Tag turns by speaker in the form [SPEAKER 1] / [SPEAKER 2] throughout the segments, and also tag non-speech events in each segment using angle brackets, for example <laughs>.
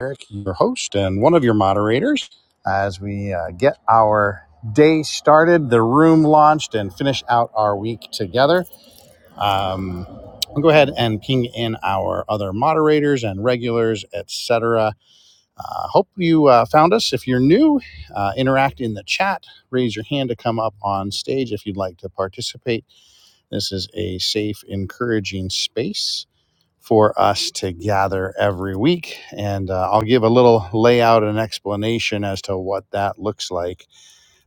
[SPEAKER 1] Eric, your host and one of your moderators, as we uh, get our day started, the room launched, and finish out our week together. Um, I'll go ahead and ping in our other moderators and regulars, etc. Uh, hope you uh, found us. If you're new, uh, interact in the chat. Raise your hand to come up on stage if you'd like to participate. This is a safe, encouraging space for us to gather every week. And uh, I'll give a little layout and explanation as to what that looks like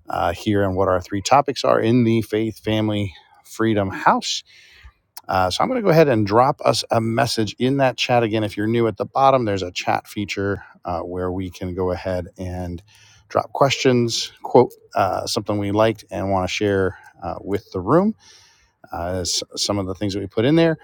[SPEAKER 1] uh, here and what our three topics are in the Faith Family Freedom House. Uh, so I'm going to go ahead and drop us a message in that chat. Again, if you're new at the bottom, there's a chat feature uh, where we can go ahead and drop questions, quote uh, something we liked and want to share uh, with the room, uh, s- some of the things that we put in there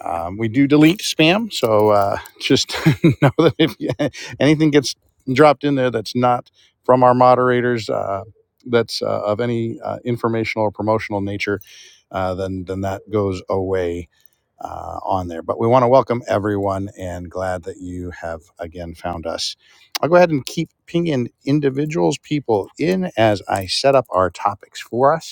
[SPEAKER 1] um, we do delete spam, so uh, just <laughs> know that if you, <laughs> anything gets dropped in there that's not from our moderators, uh, that's uh, of any uh, informational or promotional nature, uh, then then that goes away uh, on there. But we want to welcome everyone, and glad that you have again found us. I'll go ahead and keep pinging individuals, people in as I set up our topics for us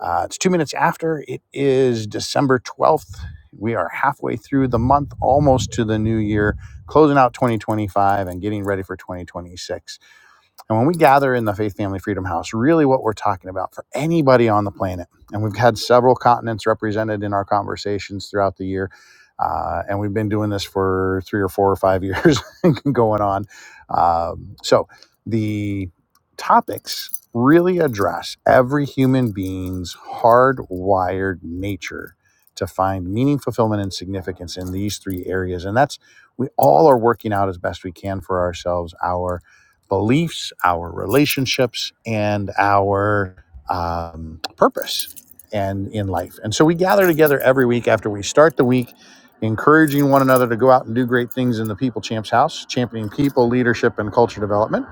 [SPEAKER 1] uh, it's two minutes after. It is December 12th. We are halfway through the month, almost to the new year, closing out 2025 and getting ready for 2026 and when we gather in the Faith Family Freedom House, really what we're talking about for anybody on the planet, and we've had several continents represented in our conversations throughout the year, uh, and we've been doing this for three or four or five years <laughs> going on. Um, so the topics really address every human being's hardwired nature to find meaning, fulfillment, and significance in these three areas. And that's we all are working out as best we can for ourselves our beliefs, our relationships, and our um, purpose and in life. And so we gather together every week after we start the week, encouraging one another to go out and do great things in the People Champs House, championing people, leadership, and culture development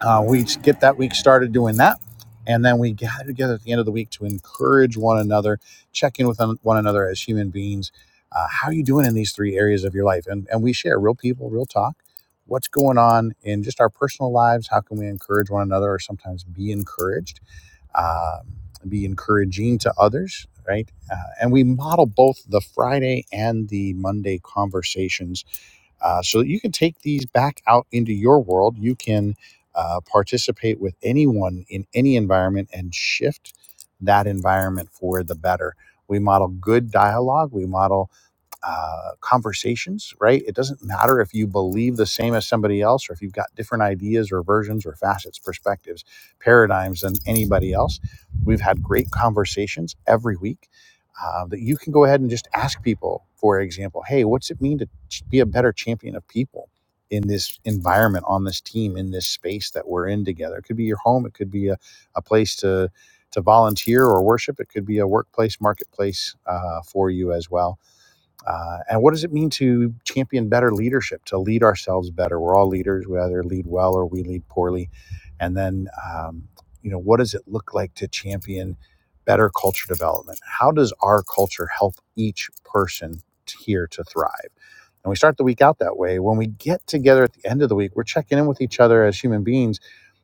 [SPEAKER 1] uh, we get that week started doing that and then we gather together at the end of the week to encourage one another check in with one another as human beings uh, how are you doing in these three areas of your life and, and we share real people real talk what's going on in just our personal lives how can we encourage one another or sometimes be encouraged um, be encouraging to others right uh, and we model both the friday and the monday conversations uh, so that you can take these back out into your world. You can uh, participate with anyone in any environment and shift that environment for the better. We model good dialogue. We model uh, conversations, right? It doesn't matter if you believe the same as somebody else or if you've got different ideas or versions or facets, perspectives, paradigms than anybody else. We've had great conversations every week uh, that you can go ahead and just ask people, for example, hey, what's it mean to ch- be a better champion of people? In this environment, on this team, in this space that we're in together, it could be your home, it could be a, a place to to volunteer or worship. It could be a workplace marketplace uh, for you as well uh, and what does it mean to champion better leadership, to lead ourselves better? We're all leaders. We either lead well or we lead poorly. And then, um, you know, what does it look like to champion better culture development? How does our culture help each person here to thrive? And we start the week out that way. When we get together at the end of the week, we're checking in with each other as human beings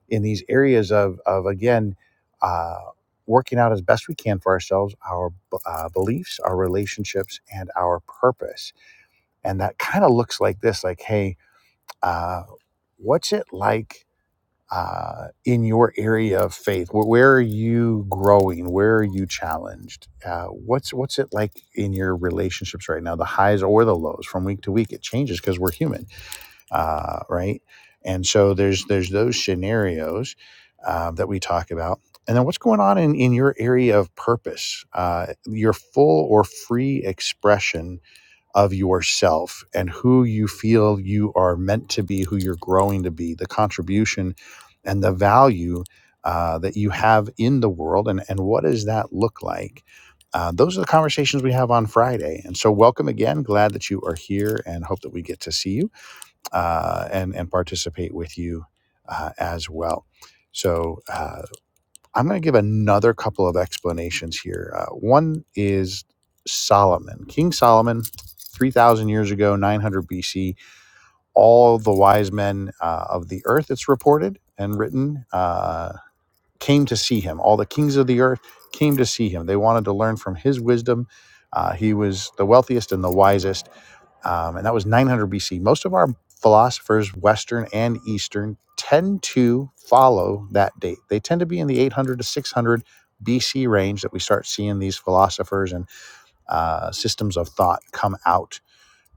[SPEAKER 1] in these areas of, of again, uh, working out as best we can for ourselves our uh, beliefs, our relationships, and our purpose. And that kind of looks like this like, hey, uh, what's it like? Uh, in your area of faith, where, where are you growing? Where are you challenged? Uh, what's what's it like in your relationships right now? The highs or the lows from week to week? It changes because we're human uh, right? And so there's there's those scenarios uh, that we talk about, and then what's going on in in your area of purpose, uh, your full or free expression of yourself, and who you feel you are meant to be, who you're growing to be, the contribution and the value. Uh, that you have in the world, and, and what does that look like? Uh, those are the conversations we have on Friday. And so, welcome again. Glad that you are here and hope that we get to see you uh, and and participate with you uh, as well. So uh, I'm going to give another couple of explanations here. Uh, one is Solomon, King Solomon, three thousand years ago, 900 BC. All the wise men uh, of the earth, it's reported and written, uh, came to see him. All the kings of the earth came to see him. They wanted to learn from his wisdom. Uh, he was the wealthiest and the wisest um, and that was 900 BC. Most of our philosophers, Western and Eastern, tend to follow that date. They tend to be in the 800 to 600 BC range that we start seeing these philosophers and uh, systems of thought come out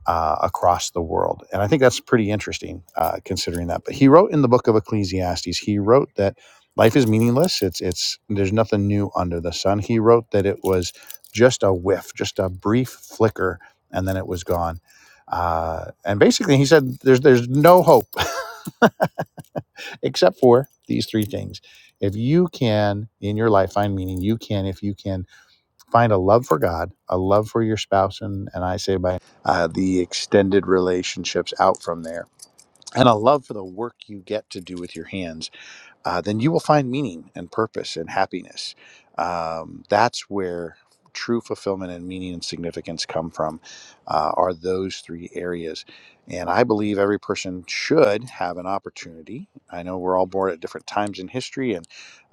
[SPEAKER 1] uh, across the world. And I think that's pretty interesting uh, considering that. But he wrote in the book of Ecclesiastes, he wrote that life is meaningless. It's it's there's nothing new under the sun. He wrote that it was just a whiff, just a brief flicker, and then it was gone. Uh, and basically, he said there's there's no hope <laughs> except for these three things. If you can in your life find meaning, you can. If you can Find a love for God, a love for your spouse, and, and I say by uh, the extended relationships out from there, and a love for the work you get to do with your hands uh, then you will find meaning and purpose and happiness. Um, that's where true fulfillment and meaning and significance come from, uh, are those three areas. And I believe every person should have an opportunity. I know we're all born at different times in history and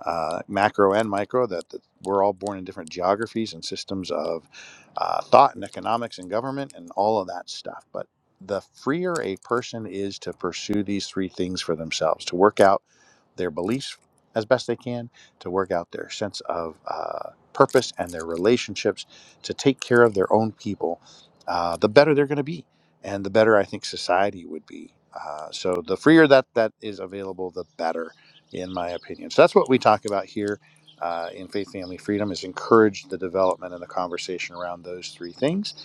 [SPEAKER 1] uh, macro and micro, that, that we're all born in different geographies and systems of uh, thought and economics and government and all of that stuff. But the freer a person is to pursue these three things for themselves, to work out their beliefs as best they can, to work out their sense of uh, purpose and their relationships, to take care of their own people, uh, the better they're going to be, and the better I think society would be. Uh, so the freer that that is available, the better, in my opinion. So that's what we talk about here. Uh, in faith, family, freedom is encourage the development and the conversation around those three things.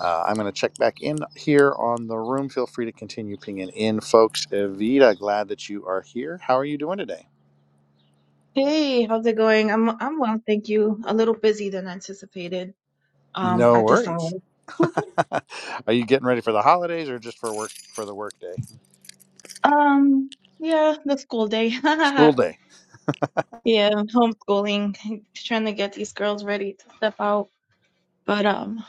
[SPEAKER 1] Uh, I'm going to check back in here on the room. Feel free to continue pinging in, folks. Evita, glad that you are here. How are you doing today?
[SPEAKER 2] Hey, how's it going? I'm I'm well, thank you. A little busy than anticipated, um,
[SPEAKER 1] No
[SPEAKER 2] at this hour.
[SPEAKER 1] worries. <laughs> Are you getting ready for the holidays or just for work for the work day?
[SPEAKER 2] Um, yeah, the school day.
[SPEAKER 1] School
[SPEAKER 2] <laughs>
[SPEAKER 1] day.
[SPEAKER 2] Yeah, homeschooling, trying to get these girls ready to step out. But um,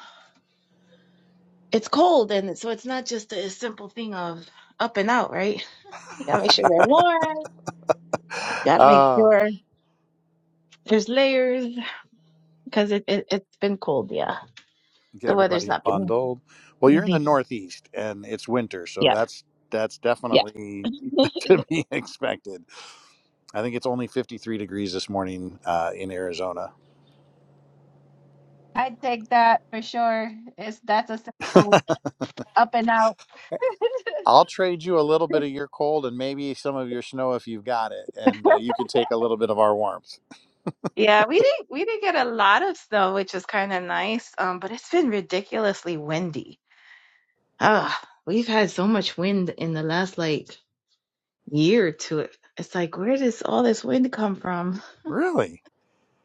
[SPEAKER 2] it's cold and so it's not just a simple thing of up and out, right? You gotta make sure they're warm. You gotta make
[SPEAKER 1] Uh
[SPEAKER 2] sure there's layers because it, it it's been cold, yeah.
[SPEAKER 1] get
[SPEAKER 2] The weather's
[SPEAKER 1] everybody
[SPEAKER 2] not been
[SPEAKER 1] bundled. Well, you're in the
[SPEAKER 2] easy.
[SPEAKER 1] northeast and it's winter, so
[SPEAKER 2] Yeah,
[SPEAKER 1] that's that's
[SPEAKER 2] yeah.
[SPEAKER 1] definitely
[SPEAKER 2] <laughs>
[SPEAKER 1] <laughs> to be expected. I think it's only 53 degrees this morning uh, in Arizona.
[SPEAKER 2] I'd take that for sure. It's that's a
[SPEAKER 1] <laughs>
[SPEAKER 2] simple up and out.
[SPEAKER 1] I'll trade you a little bit of your cold and maybe some of your snow if you've got it, and uh, you can take a little bit of our warmth.
[SPEAKER 2] Yeah, we didn't we didn't get a lot of snow, which is kind of nice. Um, but it's been ridiculously windy. Ah, we've had so much wind in the last like year or two. It's like where does all this wind come from?
[SPEAKER 1] Really?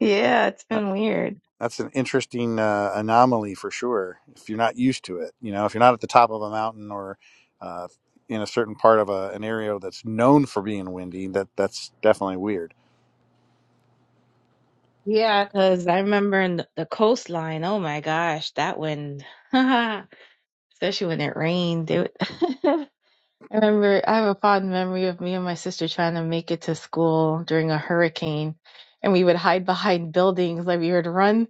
[SPEAKER 2] Yeah, it's been weird.
[SPEAKER 1] that's an interesting uh, anomaly for sure. If you're not used to it, you know, if you're not at the top of a mountain or uh, in a certain part of a, an area that's known for being windy, that that's definitely weird.
[SPEAKER 2] Yeah, because I remember in the the coastline. Oh my gosh, that wind! <laughs> Especially when it rained. It, <laughs> I remember I have a fond memory of me and my sister trying to make it to school during a hurricane, and we would hide behind buildings. Like we would run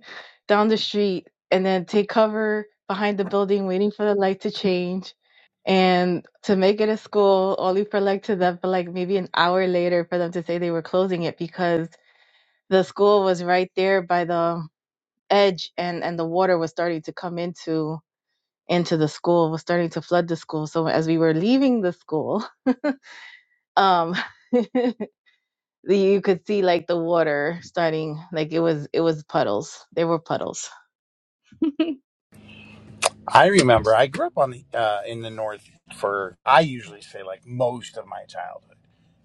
[SPEAKER 2] down the street and then take cover behind the building, waiting for the light to change. And to make it to school, only for like to them for like maybe an hour later for them to say they were closing it because the school was right there by the edge and and the water was starting to come into into the school was starting to flood the school so as we were leaving the school um <laughs> you could see like the water starting like it was it was puddles there were puddles
[SPEAKER 1] I remember I grew up on the uh, in the north for I usually say like most of my childhood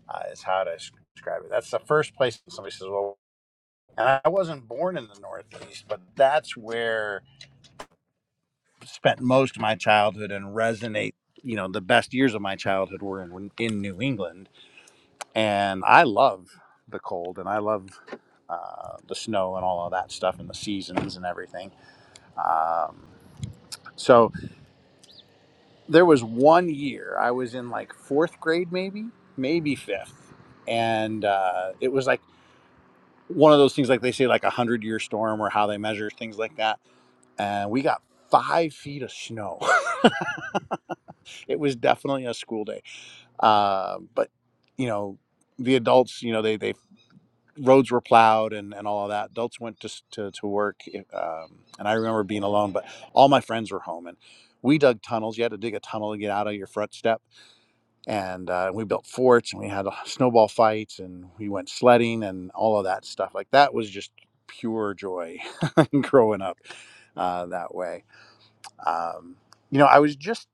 [SPEAKER 1] uh, is how to describe it. That's the first place somebody says, "Well," and I wasn't born in the Northeast, but that's where spent most of my childhood and resonate you know the best years of my childhood were in, in new england and i love the cold and i love uh, the snow and all of that stuff and the seasons and everything um, so there was one year i was in like fourth grade maybe maybe fifth and uh, it was like one of those things like they say like a hundred year storm or how they measure things like that and we got five feet of snow <laughs> it was definitely a school day Uh, but you know, the adults, you know, they they roads were plowed and and all of that. Adults went to s- to, to work, um, and I remember being alone. But all my friends were home, and we dug tunnels. You had to dig a tunnel to get out of your front step, and uh, we built forts, and we had uh, snowball fights, and we went sledding, and all of that stuff. Like that was just pure joy <laughs> growing up uh, that way. Um, you know, I was just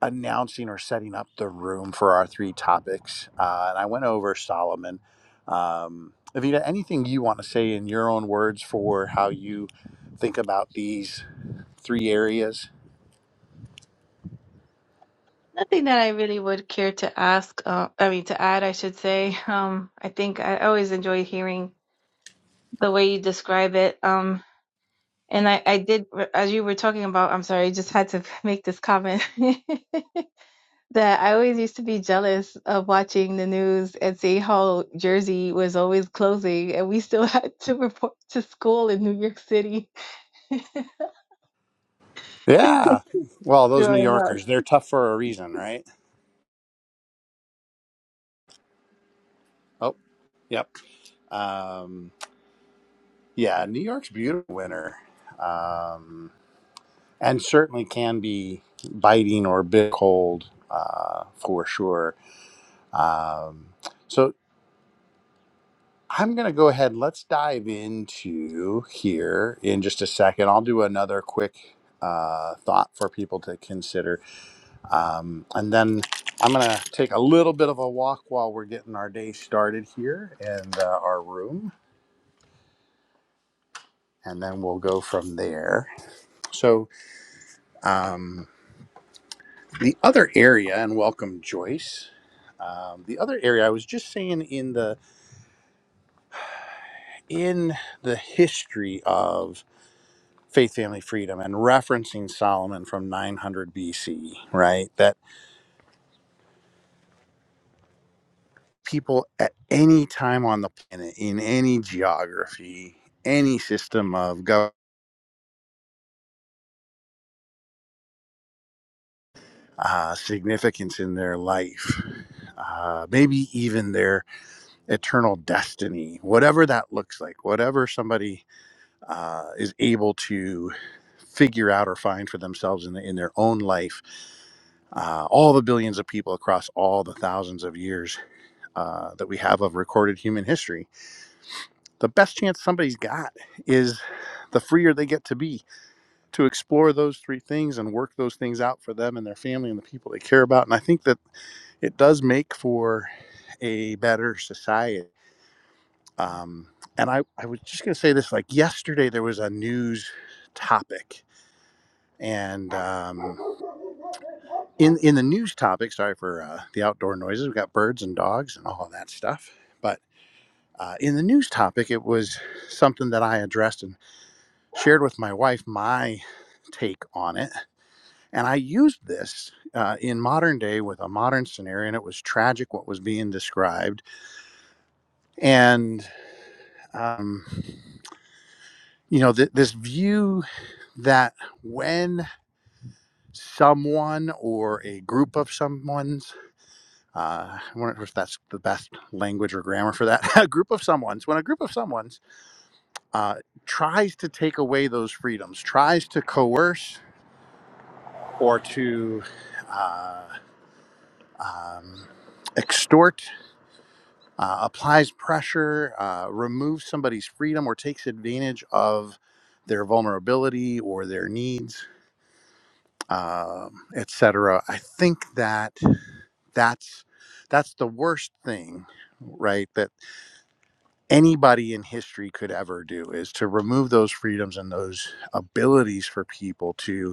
[SPEAKER 1] announcing or setting up the room for our three topics. Uh, and I went over Solomon. Um, Avita, anything you want to say in your own words for how you think about these three areas?
[SPEAKER 2] nothing that i really would care to ask uh, i mean to add i should say <laughs> um i think i always enjoy hearing the way you describe it um and i i did as you were talking about i'm sorry i just had to <laughs> make this comment <laughs> that i always used to be jealous of watching the news and see how jersey was always closing and we still <laughs> had to report to school in new york city <laughs>
[SPEAKER 1] Yeah. Well, those New
[SPEAKER 2] growing up.
[SPEAKER 1] Yorkers, they're tough for a reason, right? Oh, yep. Um, yeah, New York's beautiful winter. Um, and certainly can be biting or bit cold uh, for sure. Um, so I'm going to go ahead. Let's dive into here in just a second. I'll do another quick uh, thought for people to consider. Um, and then I'm going to take a little bit of a walk while we're getting our day started here in uh, our room. And then we'll go from there. So, um, the other area, and welcome, Joyce. Um, the other area I was just saying in the in the history of faith family freedom and referencing solomon from 900 bc right that people at any time on the planet in any geography any system of government uh, significance in their life uh, maybe even their eternal destiny whatever that looks like whatever somebody uh, is able to figure out or find for themselves in, the, in their own life uh, all the billions of people across all the thousands of years uh, that we have of recorded human history, the best chance somebody's got is the freer they get to be to explore those three things and work those things out for them and their family and the people they care about. And I think that it does make for a better society. Um, and I, I was just going to say this like yesterday, there was a news topic. And um, in, in the news topic, sorry for uh, the outdoor noises, we've got birds and dogs and all of that stuff. but. Uh, in the news topic, it was something that I addressed and shared with my wife my take on it. And I used this uh, in modern day with a modern scenario, and it was tragic what was being described. And, um, you know, th- this view that when someone or a group of someone's, uh, I wonder if that's the best language or grammar for that, <laughs> a group of someone's, when a group of someone's uh, tries to take away those freedoms, tries to coerce or to uh, um, extort, uh, applies pressure, uh, removes somebody's freedom, or takes advantage of their vulnerability or their needs, um, etc. I think that that's that's the worst thing, right? That anybody in history could ever do is to remove those freedoms and those abilities for people to.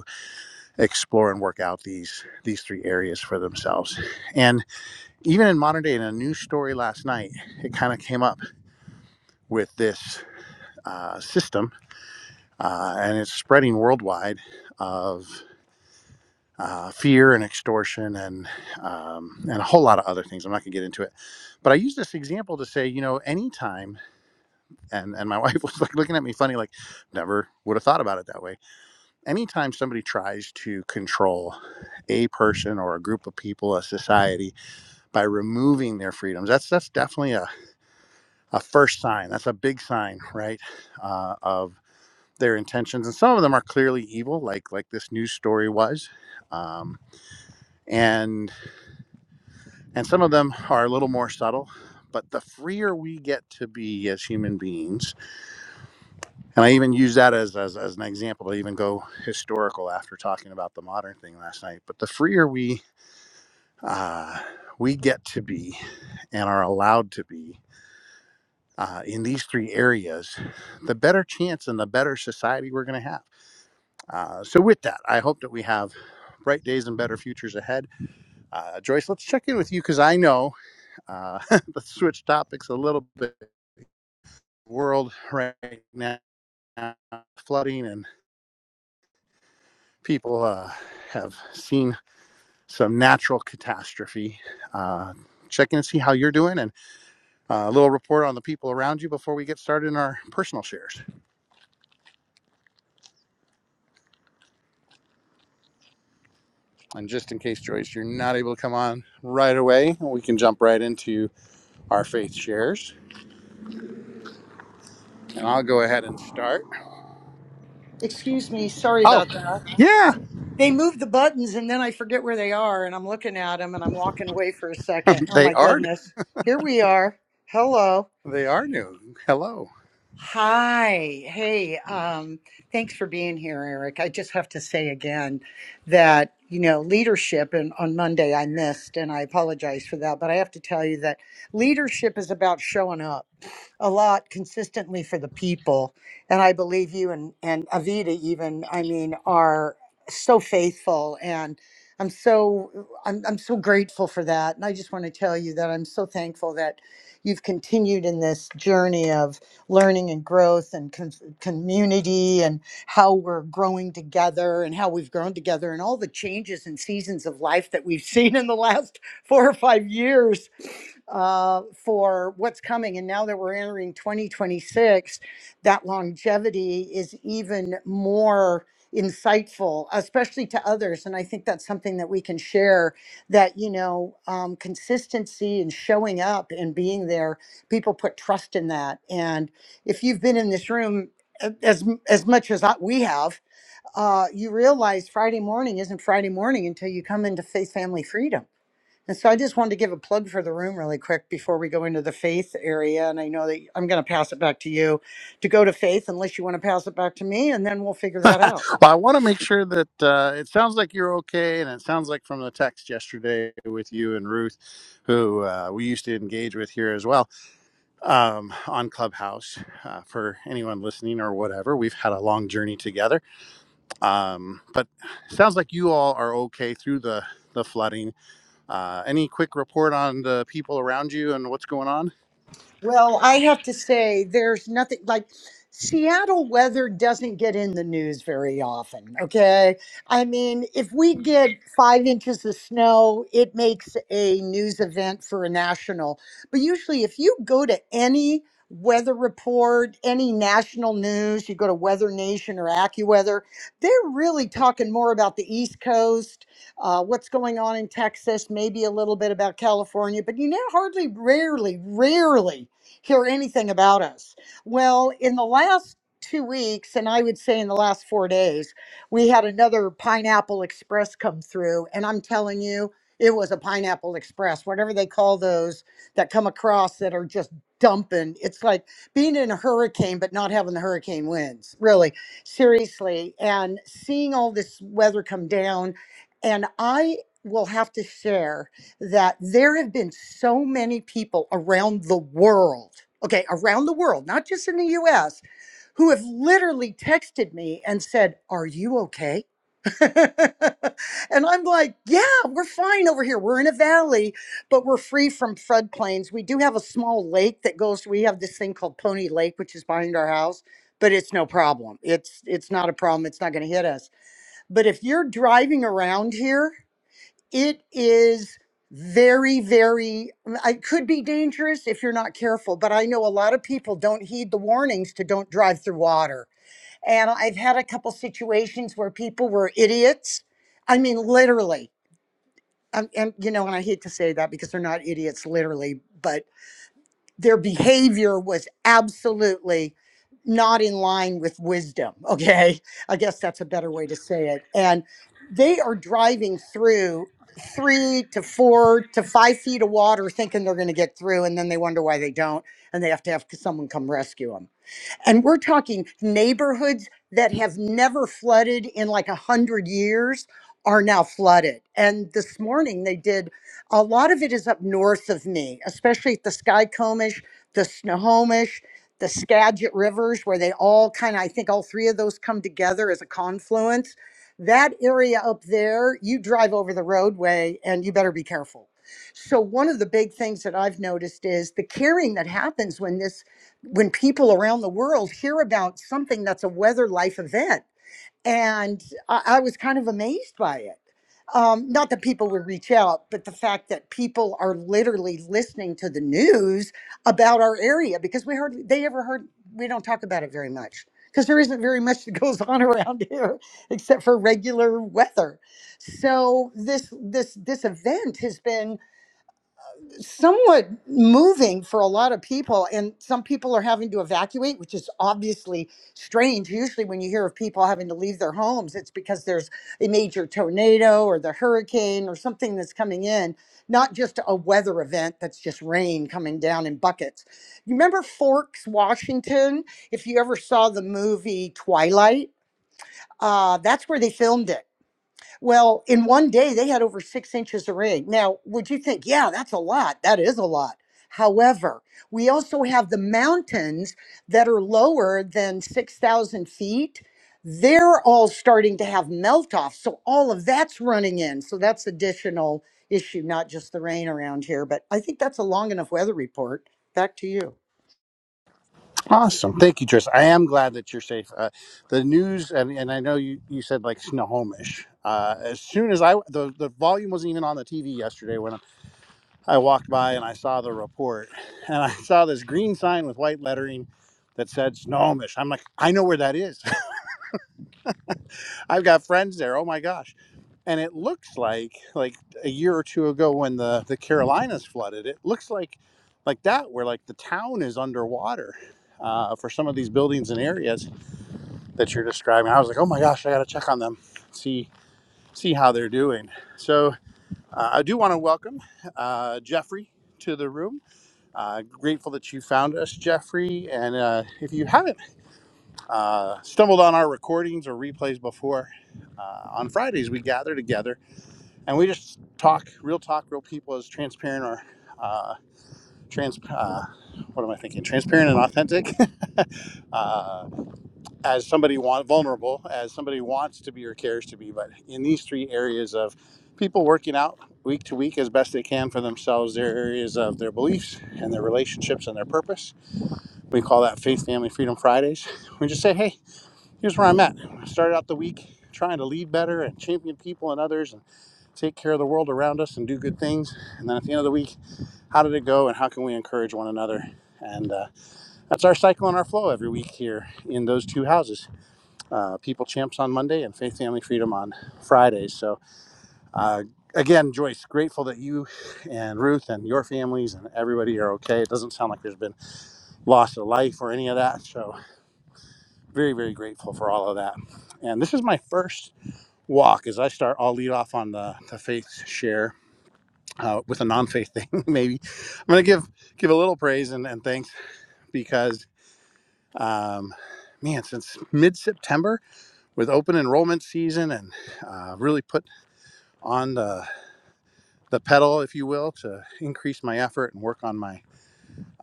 [SPEAKER 1] explore and work out these these three areas for themselves. And even in modern day, in a news story last night, it kind of came up with this uh, system, uh, and it's spreading worldwide of. Uh, fear and extortion and um, and a whole lot of other things. I'm not going to get into it, but I use this example to say, you know, anytime and and my <laughs> wife was like looking at me funny, like never would have thought about it that way. Anytime somebody tries to control a person or a group of people, a society, by removing their freedoms. That's that's definitely a, a first sign. That's a big sign, right, uh, of their intentions. And some of them are clearly evil, like like this news story was, um, and and some of them are a little more subtle. But the freer we get to be as human beings, and I even use that as, as, as an example to even go historical after talking about the modern thing last night. But the freer we uh, we get to be and are allowed to be, uh, in these three areas, the better chance and the better society we're going to have. Uh, so, with that, I hope that we have bright days and better futures ahead. Uh, Joyce, let's check in with you because I know uh, <laughs> let's switch topics a little bit. World right now, flooding and people uh, have seen some natural catastrophe. Uh, check in and see how you're doing and uh, a little report on the people around you before we get started in our personal shares. And just in case, Joyce, you're not able to come on right away, we can jump right into our faith shares. And I'll go ahead and start.
[SPEAKER 3] Excuse me, sorry
[SPEAKER 1] Oh,
[SPEAKER 3] about that.
[SPEAKER 1] yeah,
[SPEAKER 3] They move the buttons and then I forget where they are and I'm looking at them and I'm walking away for a second. Oh
[SPEAKER 1] they
[SPEAKER 3] my
[SPEAKER 1] are new.
[SPEAKER 3] goodness. Here we are. Hello.
[SPEAKER 1] They are new. Hello.
[SPEAKER 3] Hi. Hey, um, thanks for being here, Eric. I just have to say again that, you know, leadership, and on Monday I missed, and I apologize for that, but I have to tell you that leadership is about showing up a lot consistently for the people. And I believe you and, and Avita, even, I mean, are so faithful and I'm so I'm I'm so grateful for that. And I just want to tell you that I'm so thankful that you've continued in this journey of learning and growth and com- community and how we're growing together and how we've grown together and all the changes and seasons of life that we've <laughs> seen in the last four or five years uh, for what's coming. And now that we're entering 2026, that longevity is even more insightful especially to others and i think that's something that we can share that you know um, consistency and showing up and being there people put trust in that and if you've been in this room uh, as as much as I, we have, uh, you realize Friday morning isn't Friday morning until you come into faith, family, freedom. And so I just wanted to give a plug for the room really quick before we go into the faith area. And I know that I'm going to pass it back to you to go to faith unless you want to pass it back to me, and then we'll figure
[SPEAKER 1] <laughs> well,
[SPEAKER 3] that out.
[SPEAKER 1] I want to make sure that uh, it sounds like you're okay, and it sounds like from the text yesterday with you and Ruth, who uh, we used to engage with here as well um, on Clubhouse. Uh, for anyone listening or whatever, we've had a long journey together Um, but sounds like you all are okay through the the flooding. Uh, any quick report on the people around you and what's going on?
[SPEAKER 3] Well, I have to say, there's nothing like Seattle weather doesn't get in the news very often. Okay. I mean, if we get five inches of snow, it makes a news event for a national. But usually, if you go to any weather report, any national news, you go to Weather Nation or AccuWeather, they're really talking more about the East Coast, uh, what's going on in Texas, maybe a little bit about California, but you know, hardly, rarely, rarely hear anything about us. Well, in the last two weeks, and I would say in the last four days, we had another Pineapple Express come through. And I'm telling you, it was a Pineapple Express, whatever they call those that come across that are just dumping. It's like being in a hurricane, but not having the hurricane winds, really, seriously. And seeing all this weather come down. And I will have to share that there have been so many people around the world, okay, around the world, not just in the US, who have literally texted me and said, Are you okay? <laughs> and I'm like, Yeah, we're fine over here. We're in a valley, but we're free from floodplains. We do have a small lake that goes, we have this thing called Pony Lake, which is behind our house. But it's no problem. It's it's not a problem. It's not going to hit us. But if you're driving around here it is very very it could be dangerous if you're not careful but i know a lot of people don't heed the warnings to don't drive through water and i've had a couple situations where people were idiots i mean literally um, and you know and i hate to say that because they're not idiots literally but their behavior was absolutely not in line with wisdom. <laughs> Okay. I guess that's a better way to say it. And they are driving through three to four to five feet of water thinking they're going to get through. And then they wonder why they don't. And they have to have someone come rescue them. And we're talking neighborhoods that have never flooded in like a hundred years are now flooded. And this morning they did a lot of it is up north of me, especially at the Skycomish, the Snohomish, the Skagit rivers, where they all kind of, I think all three of those come together as a confluence. That area up there, you drive over the roadway and you better be careful. So, one of the big things that I've noticed is the carrying that happens when this when people around the world hear about something that's a weather life event. And I, I was kind of amazed by it. Um, not that people would reach out, but the fact that people are literally listening to the news about our area because we hardly they ever heard we don't talk about it very much because there isn't very much that <laughs> goes on around here <laughs> except for regular weather. So this this this event has been somewhat moving for a lot of people and some people are having to evacuate which is obviously strange usually when you hear of people having to leave their homes it's because there's a major tornado or the hurricane or something that's coming in not just a weather event that's just rain coming down in buckets you remember forks washington if you ever saw the movie twilight uh, that's where they filmed it well, in one day, they had over six inches of rain. Now, would you think, yeah, that's a lot? That is a lot. However, we also have the mountains that are lower than 6,000 feet. They're all starting to have melt off. So all of that's running in. So that's additional issue, not just the rain around here. But I think that's a long enough weather report. Back to you.
[SPEAKER 1] Awesome, thank you, Tris. I am glad that you're safe. Uh, the news, and, and I know you you said like Snohomish. Uh, as soon as I the the volume wasn't even on the TV yesterday when I walked by and I saw the report, and I saw this green sign with white lettering that said Snohomish. I'm like, I know where that is. I've got friends there. Oh my gosh. And it looks like like a year or two ago when the the Carolinas flooded, it looks like like that where like the town is underwater uh, for some of these buildings and areas that you're describing. I was like, oh my gosh, I got to check on them, see see how they're doing. So uh, I do want to welcome uh, Jeffrey to the room. Uh, grateful that you found us, Jeffrey. And uh, if you haven't uh, stumbled on our recordings or replays before. Uh, on Fridays, we gather together and we just talk, real talk, real people, as transparent or uh, trans. Uh, what am I thinking? Transparent and authentic, <laughs> uh, as somebody want vulnerable, as somebody wants to be or cares to be. But in these three areas of people working out week to week as best they can for themselves, their areas of their beliefs and their relationships and their purpose. We call that Faith, Family, Freedom Fridays. We just say, hey here's where I'm at. I started out the week trying to lead better and champion people and others and take care of the world around us and do good things. And then at the end of the week, how did it go and how can we encourage one another? And uh, that's our cycle and our flow every week here in those two houses. Uh, people Champs on Monday and Faith Family Freedom on Fridays. So, uh, again, Joyce, grateful that you and Ruth and your families and everybody are okay. It doesn't sound like there's been loss of life or any of that. So, very, very grateful for all of that. And this is my first walk is I start, I'll lead off on the, the faith share uh, with a non faith thing, <laughs> maybe. I'm going to give give a little praise and, and thanks because, um, man, since mid September with open enrollment season and uh, really put on the, the pedal, if you will, to increase my effort and work on my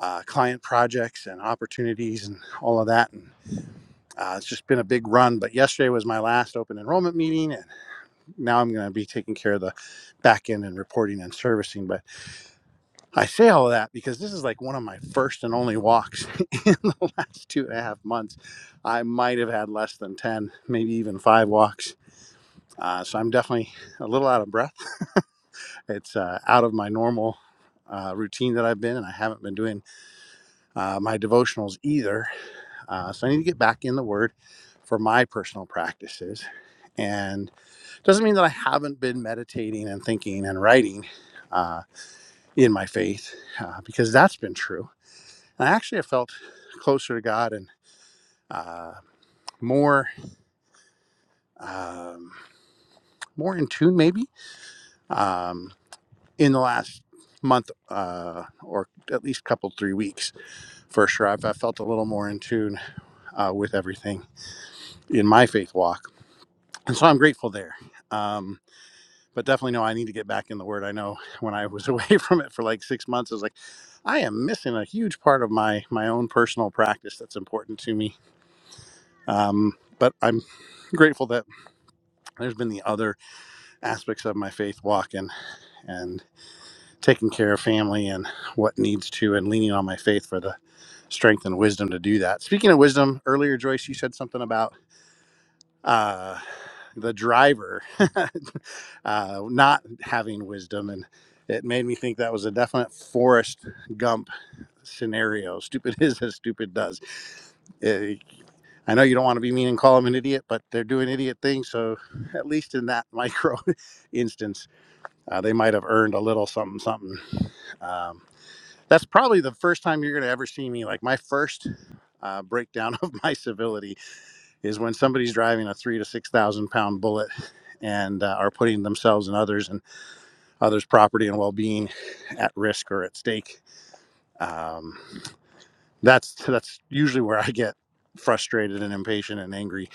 [SPEAKER 1] uh, client projects and opportunities and all of that. And uh, it's just been a big run, but yesterday was my last open enrollment meeting, and now I'm going to be taking care of the back end and reporting and servicing. But I say all of that because this is like one of my first and only walks <laughs> in the last two and a half months. I might have had less than 10, maybe even five walks. Uh, so I'm definitely a little out of breath. It's uh, out of my normal uh, routine that I've been, and I haven't been doing uh, my devotionals either. Uh, so I need to get back in the Word for my personal practices. And it doesn't mean that I haven't been meditating and thinking and writing uh, in my faith, uh, because that's been true And actually, I felt closer to God and uh, more um, more in tune, maybe, um, in the last month uh, or at least couple three weeks for sure. I've, I felt a little more in tune uh, with everything in my faith walk, and so I'm grateful there. Um, but definitely, no, I need to get back in the Word. I know when I was away <laughs> from it for like six months, I was like, I am missing a huge part of my my own personal practice that's important to me. Um, but I'm grateful that there's been the other aspects of my faith walk and and taking care of family and what needs to and leaning on my faith for the strength and wisdom to do that speaking of wisdom earlier joyce you said something about uh the driver <laughs> uh not having wisdom and it made me think that was a definite Forrest Gump scenario. <laughs> Stupid is as stupid does. Eh, I know you don't want to be mean and call him an idiot, but they're doing idiot things. So, at least in that micro <laughs> instance, Uh, they might have earned a little something, something. Um, that's probably the first time you're going to ever see me. Like my first uh, breakdown <laughs> of my civility is when somebody's driving a three to six thousand pound bullet and uh, are putting themselves and others and others' property and well-being at risk or at stake. Um, that's that's usually where I get frustrated and impatient and angry.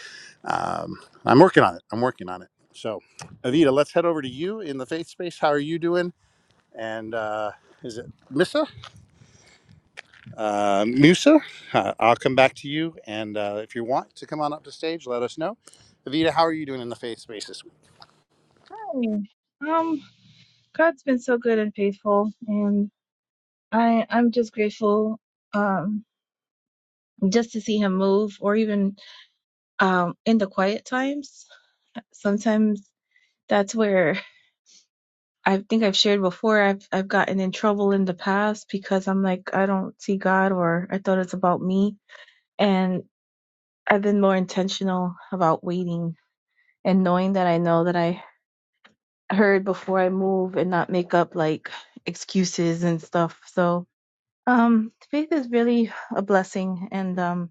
[SPEAKER 1] Um, I'm working on it. I'm working on it. So, Avita, let's head over to you in the faith space. How are you doing? and uh, is it Missa? Uh, Musa? Uh, I'll come back to you. And uh, if you want to come on up to stage, let us know. Evita, how are you doing in the faith space this week?
[SPEAKER 2] I mean, Um, God's been so good and faithful, and I I'm just grateful um just to see Him move, or even um in the quiet times. Sometimes that's where I think I've shared before. I've I've gotten in trouble in the past because I'm like I don't see God, or I thought it's about me, and I've been more intentional about waiting and knowing that I know that I heard before I move and not make up like excuses and stuff. So Um, faith is really a blessing, and um,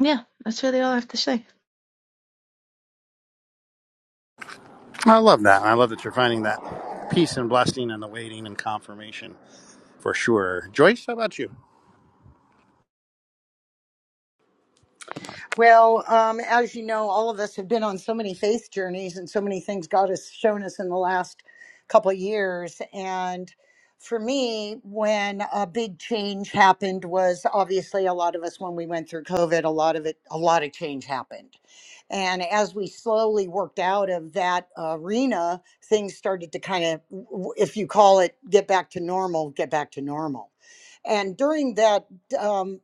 [SPEAKER 2] yeah, that's really all I have to say.
[SPEAKER 1] I love that. I love that you're finding that peace and blessing and the waiting and confirmation for sure. Joyce, how about you?
[SPEAKER 3] Well, um, as you know, all of us have been on so many faith journeys and so many things God has shown us in the last couple of years. And for me, when a big change happened was obviously a lot of us when we went through COVID, a lot of it, a lot of change happened. And as we slowly worked out of that arena, things started to kind of, if you call it, get back to normal, get back to normal. And during that, um,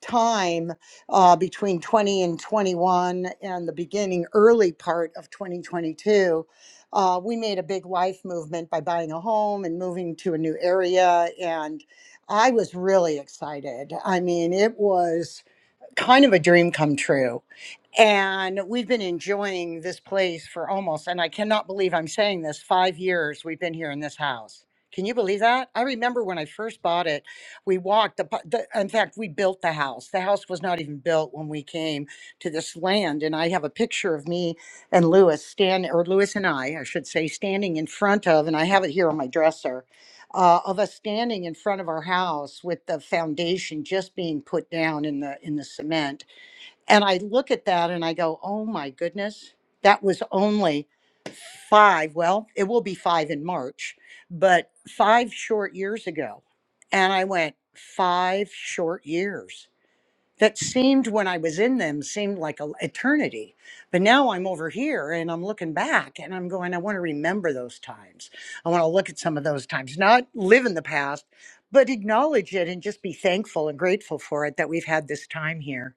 [SPEAKER 3] time uh, between 20 and 21 and the beginning early part of 2022 uh, we made a big life movement by buying a home and moving to a new area and i was really excited i mean it was kind of a dream come true and we've been enjoying this place for almost, and I cannot believe I'm saying this, five years we've been here in this house. Can you believe that? I remember when I first bought it, we walked the, the in fact, we built the house. The house was not even built when we came to this land. And I have a picture of me and Lewis stand, or Lewis and I, I should say, standing in front of, and I have it here on my dresser, uh, of us standing in front of our house with the foundation just being put down in the in the cement and I look at that and I go, oh my goodness, that was only five. Well, it will be five in March, but five short years ago. And I went, five short years that seemed when I was in them seemed like an eternity. But now I'm over here and I'm looking back and I'm going, I want to remember those times. I want to look at some of those times, not live in the past, but acknowledge it and just be thankful and grateful for it that we've had this time here.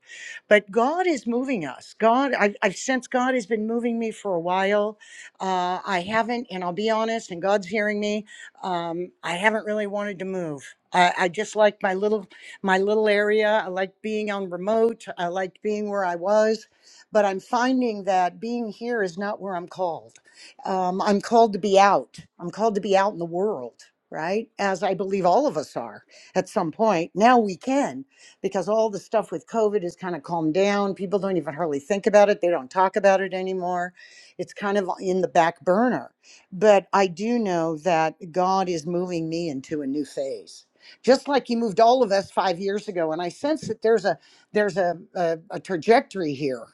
[SPEAKER 3] But God is moving us. God, I've, I've sensed God has been moving me for a while. Uh, I haven't, and I'll be honest, and God's hearing me. Um, I haven't really wanted to move. I, I just like my little my little area. I like being on remote. I like being where I was. But I'm finding that being here is not where I'm called. Um, I'm called to be out. I'm called to be out in the world, right? As I believe all of us are at some point. Now we can, because all the stuff with COVID is kind of calmed down. People don't even hardly think about it, they don't talk about it anymore. It's kind of in the back burner. But I do know that God is moving me into a new phase just like he moved all of us five years ago. And I sense that there's a there's a a, a trajectory here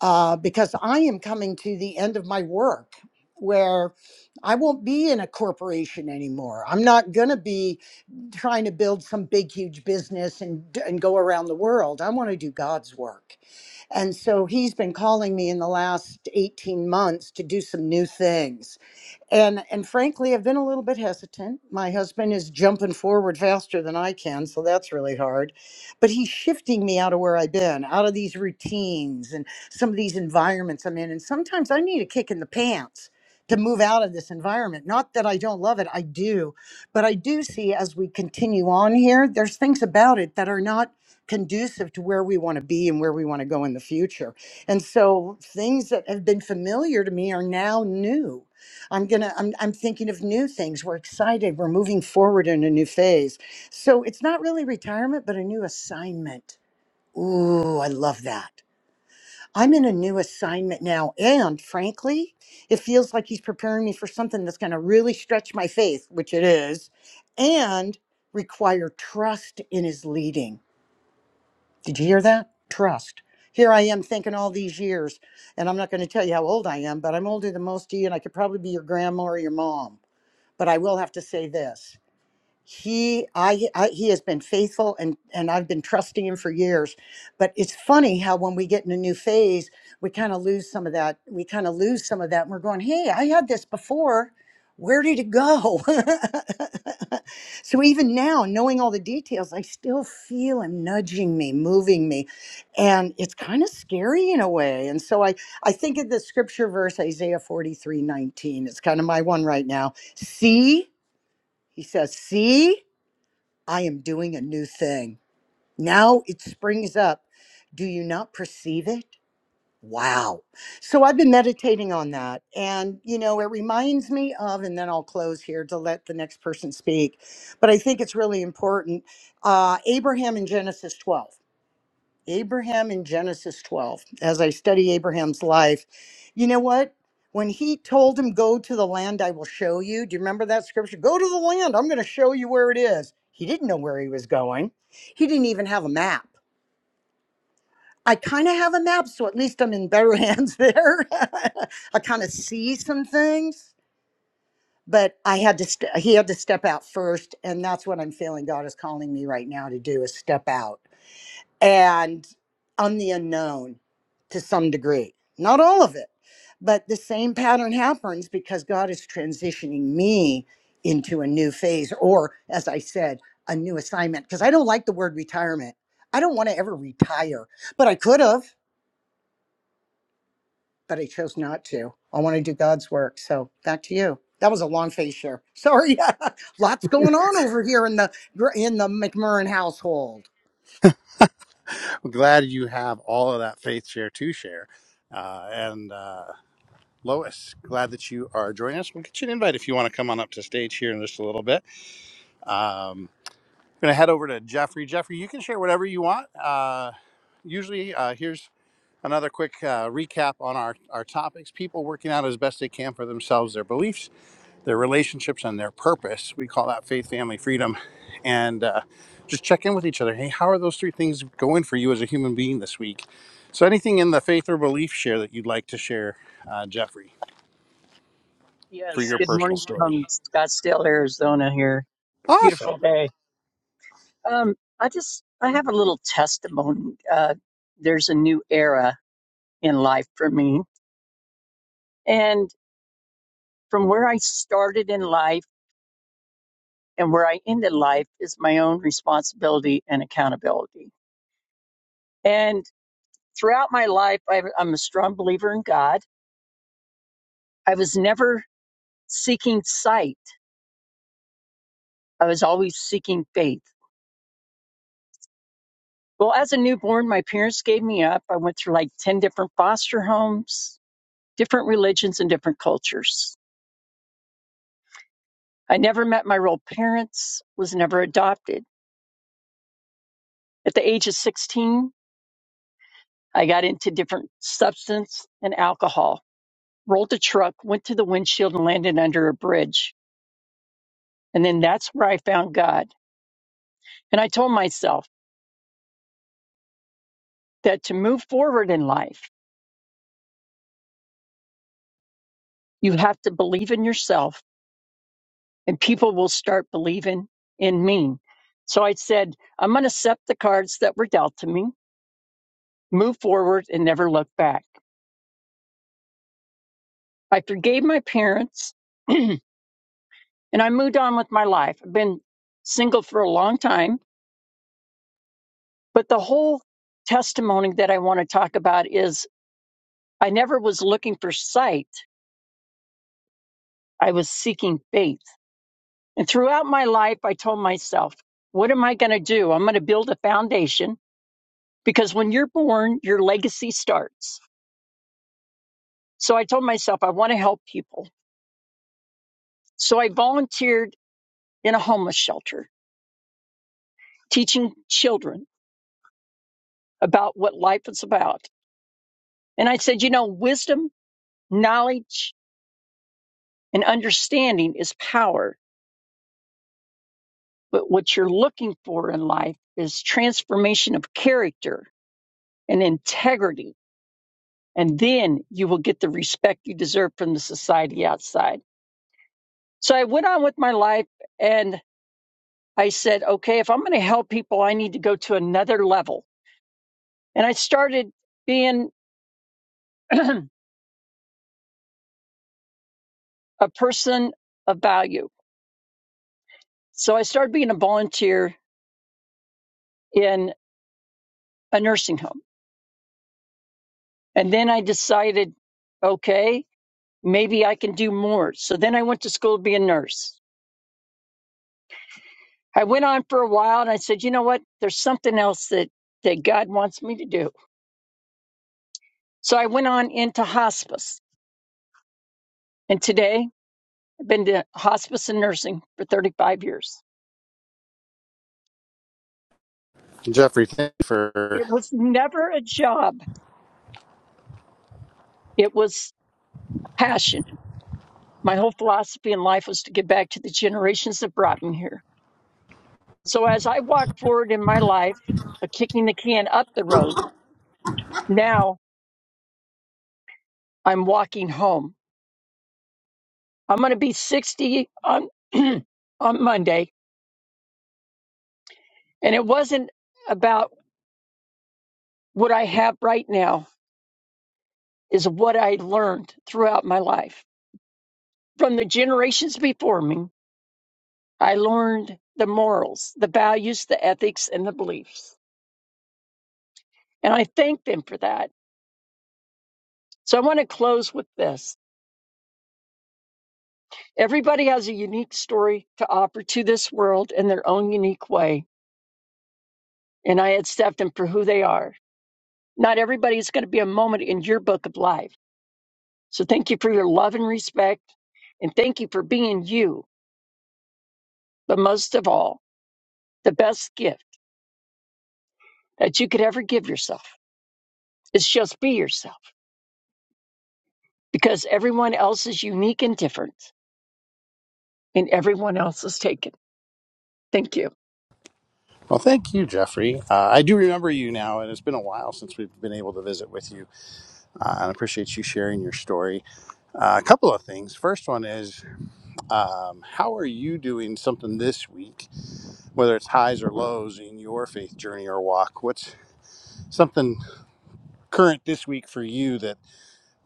[SPEAKER 3] uh, because I am coming to the end of my work where I won't be in a corporation anymore. I'm not going to be trying to build some big huge business and and go around the world. I want to do God's work. And so he's been calling me in the last 18 months to do some new things and and frankly i've been a little bit hesitant my husband is jumping forward faster than i can so that's really hard but he's shifting me out of where i've been out of these routines and some of these environments i'm in and sometimes i need a kick in the pants to move out of this environment not that i don't love it i do but i do see as we continue on here there's things about it that are not conducive to where we want to be and where we want to go in the future and so things that have been familiar to me are now new I'm gonna I'm I'm thinking of new things. We're excited. We're moving forward in a new phase. So it's not really retirement, but a new assignment. Ooh, I love that. I'm in a new assignment now. And frankly, it feels like he's preparing me for something that's gonna really stretch my faith, which it is, and require trust in his leading. Did you hear that? Trust. Here I am thinking all these years, and I'm not going to tell you how old I am, but I'm older than most of you, and I could probably be your grandma or your mom but I will have to say this he I, I he has been faithful and and i've been trusting him for years but it's funny how when we get in a new phase we kind of lose some of that we kind of lose some of that and we're going hey i had this before where did it go <laughs> so even now knowing all the details i still feel him nudging me moving me and it's kind of scary in a way and so i i think of the scripture verse isaiah forty three nineteen. it's kind of my one right now see he says see I am doing a new thing. Now it springs up. Do you not perceive it? Wow. So I've been meditating on that. And, you know, it reminds me of, and then I'll close here to let the next person speak, but I think it's really important. Uh, Abraham in Genesis 12. Abraham in Genesis 12, as I study Abraham's life, you know what? When he told him, Go to the land I will show you, do you remember that scripture? Go to the land, I'm going to show you where it is. He didn't know where he was going, he didn't even have a map. I kind of have a map, so at least I'm in better <laughs> hands there. <laughs> I kind of see some things, but I had to, st- he had to step out first. And that's what I'm feeling God is calling me right now to do is step out and I'm the unknown to some degree. Not all of it, but the same pattern happens because God is transitioning me into a new phase, or as I said, a new assignment. Because I don't like the word retirement. I don't want to ever retire, but I could have, but I chose not to. I want to do God's work. So back to you. That was a long phase share. Sorry, <laughs> lots going on over here in the in the McMurrin household.
[SPEAKER 1] I'm glad you have all of that faith share to share. Uh, and uh, Lois, glad that you are joining us. We'll get you an invite if you want to come on up to stage here in just a little bit. Um, We're going to head over to Jeffrey. Jeffrey, you can share whatever you want. Uh, usually, uh, here's another quick uh, recap on our, our topics people working out as best they can for themselves, their beliefs, their relationships, and their purpose. We call that faith, family, freedom. And uh, just check in with each other. Hey, how are those three things going for you as a human being this week? So, anything in the faith or belief share that you'd like to share, uh, Jeffrey, for
[SPEAKER 4] Yes,
[SPEAKER 1] your
[SPEAKER 4] good
[SPEAKER 1] personal
[SPEAKER 4] morning
[SPEAKER 1] story?
[SPEAKER 4] from Scottsdale, Arizona here. Beautiful
[SPEAKER 1] Awesome.
[SPEAKER 4] day. Um, I just I have a little testimony. Uh, there's a new era in life for me. And from where I started in life and where I ended life is my own responsibility and accountability. And throughout my life, I've, I'm a strong believer in God. I was never seeking sight. I was always seeking faith Well, as a newborn, my parents gave me up. I went through like 10 different foster homes, different religions, and different cultures. I never met my real parents, was never adopted. At the age of 16, I got into different substance and alcohol, rolled a truck, went to the windshield, and landed under a bridge. And then that's where I found God. And I told myself that to move forward in life, you have to believe in yourself and people will start believing in me. So I said, I'm going to accept the cards that were dealt to me, move forward, and never look back. I forgave my parents <clears throat> and I moved on with my life. I've been single for a long time, but the whole testimony that I want to talk about is I never was looking for sight, I was seeking faith. And throughout my life, I told myself, what am I going to do? I'm going to build a foundation because when you're born, your legacy starts So I told myself I want to help people. So I volunteered in a homeless shelter, teaching children about what life is about. And I said, you know, wisdom, knowledge, and understanding is power. But what you're looking for in life is transformation of character and integrity. And then you will get the respect you deserve from the society outside. So I went on with my life and I said, okay, if I'm going to help people, I need to go to another level. and I started being <clears throat> a person of value. So I started being a volunteer in a nursing home. And then I decided, okay, maybe I can do more. So then I went to school to be a nurse. I went on for a while and I said, you know what? There's something else that, that God wants me to do. So I went on into hospice. And today I've been to hospice and nursing for 35 years.
[SPEAKER 1] Jeffrey, thank you for
[SPEAKER 4] It was never a job. It was a passion My whole philosophy in life was to give back to the generations that brought me here. So as I walk forward in my life, uh, kicking the can up the road, now I'm walking home. I'm going to be 60 on, <clears throat> on Monday. And it wasn't about what I have right now, is what I learned throughout my life. From the generations before me, I learned the morals, the values, the ethics, and the beliefs. And I thank them for that. So I want to close with this. Everybody has a unique story to offer to this world in their own unique way, and I accept them for who they are. Not everybody is going to be a moment in your book of life. So thank you for your love and respect, and thank you for being you. But most of all, the best gift that you could ever give yourself is just be yourself because everyone else is unique and different, and everyone else is taken. Thank you.
[SPEAKER 1] Well, thank you, Jeffrey. Uh, I do remember you now, and it's been a while since we've been able to visit with you. Uh, and I appreciate you sharing your story. Uh, a couple of things. First one is, um, how are you doing something this week, whether it's highs or lows in your faith journey or walk? What's something current this week for you that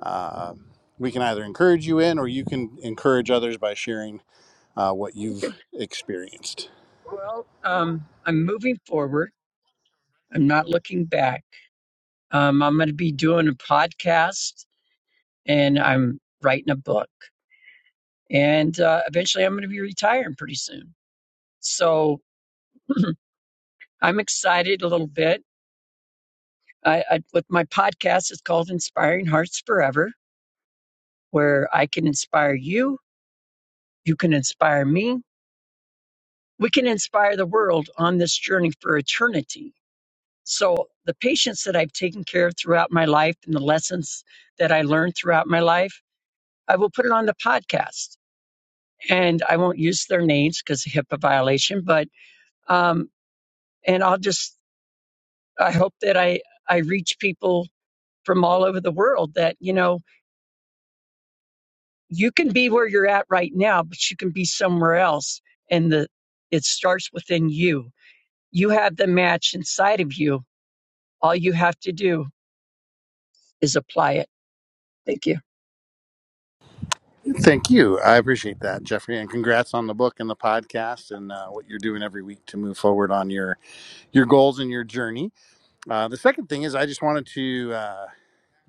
[SPEAKER 1] um we can either encourage you in, or you can encourage others by sharing uh, what you've
[SPEAKER 4] Okay.
[SPEAKER 1] experienced.
[SPEAKER 4] Well, um, I'm moving forward. I'm not looking back Um, I'm going to be doing a podcast and I'm writing a book. And uh, eventually I'm going to be retiring pretty soon. So <clears throat> I'm excited a little bit. I, I, with my podcast, it's called Inspiring Hearts Forever, where I can inspire you, you can inspire me, we can inspire the world on this journey for eternity. So, the patients that I've taken care of throughout my life and the lessons that I learned throughout my life, I will put it on the podcast and I won't use their names because of HIPAA violation. But um, and I'll just I hope that I I reach people from all over the world that you know you can be where you're at right now, but you can be somewhere else, and the it starts within you. You have the match inside of you. All you have to do is apply it. Thank you.
[SPEAKER 1] Thank you. I appreciate that, Jeffrey, and congrats on the book and the podcast and uh, what you're doing every week to move forward on your your goals and your journey. Uh, the second thing is, I just wanted to uh,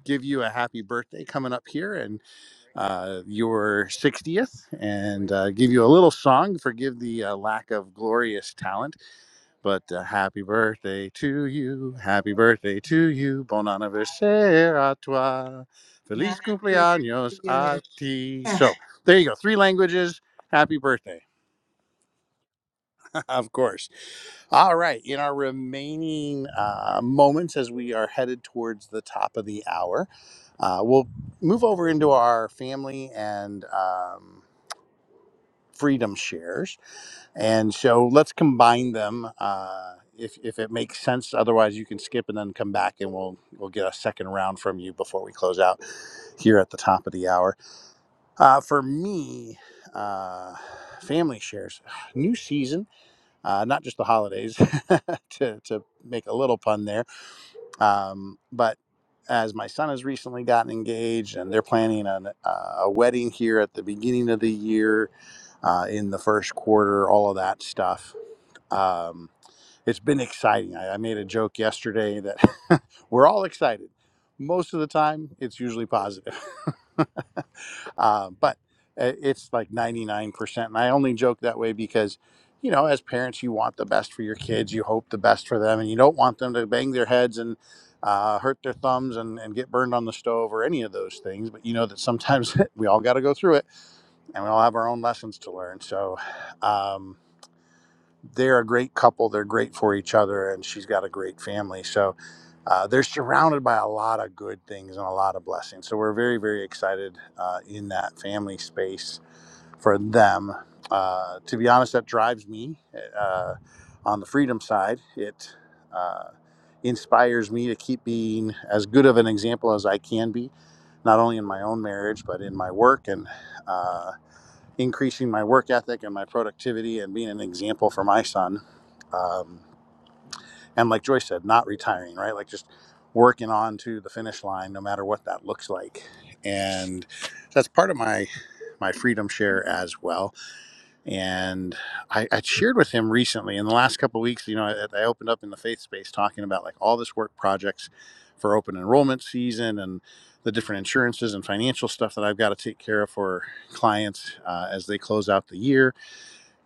[SPEAKER 1] give you a happy birthday coming up here and uh, your 60th, and uh, give you a little song. Forgive the uh, lack of glorious talent. But uh, happy birthday to you, happy birthday to you, bon anniversaire à toi, feliz cumpleaños a ti. So there you go, three languages. Happy birthday, <laughs> of course. All right, in our remaining uh, moments as we are headed towards the top of the hour, uh, we'll move over into our family and um, freedom shares. And so let's combine them uh, if, if it makes sense. Otherwise, you can skip and then come back, and we'll we'll get a second round from you before we close out here at the top of the hour. Uh, for me, uh, family shares, <sighs> new season, uh, not just the holidays, <laughs> to, to make a little pun there, um, but as my son has recently gotten engaged and they're planning an, uh, a wedding here at the beginning of the year uh, in the first quarter, all of that stuff um, it's been exciting. I, I made a joke yesterday that <laughs> we're all excited. Most of the time, it's usually positive, <laughs> uh, but uh, it's like 99%. And I only joke that way because, you know, as parents, you want the best for your kids, you hope the best for them, and you don't want them to bang their heads and uh, hurt their thumbs and, and get burned on the stove or any of those things. But you know that sometimes <laughs> we all got to go through it and we all have our own lessons to learn. So, um, they're a great couple. They're great for each other, and she's got a great family. So uh, they're surrounded by a lot of good things and a lot of blessings. So we're very, very excited uh, in that family space for them. Uh, to be honest, that drives me uh, on the freedom side. It uh, inspires me to keep being as good of an example as I can be, not only in my own marriage, but in my work and. uh, increasing my work ethic and my productivity and being an example for my son. Um, and like Joyce said, not retiring, right? Like just working on to the finish line, no matter what that looks like. And that's part of my my freedom share as well. And I, I shared with him recently in the last couple of weeks. You know, I, I opened up in the faith space talking about like all this work projects for open enrollment season and the different insurances and financial stuff that I've got to take care of for clients uh, as they close out the year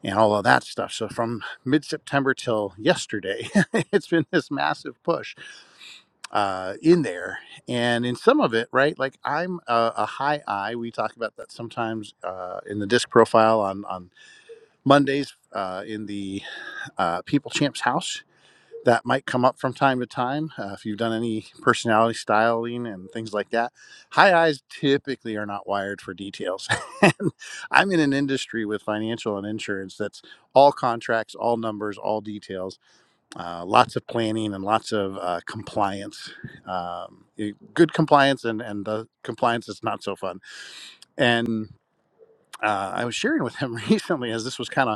[SPEAKER 1] and all of that stuff. So from mid September till yesterday, <laughs> it's been this massive push uh, in there. And in some of it, right, like I'm a, a high I. We talk about that sometimes uh, in the disc profile on, on Mondays uh, in the uh, People Champs house that might come up from time to time uh, if you've done any personality styling and things like that. High eyes typically are not wired for details. <laughs> and I'm in an industry with financial and insurance that's all contracts, all numbers, all details, uh, lots of planning and lots of uh, compliance. Um, eh, good compliance and, and the compliance is not so fun. And uh, I was sharing with him <laughs> recently as this was kind of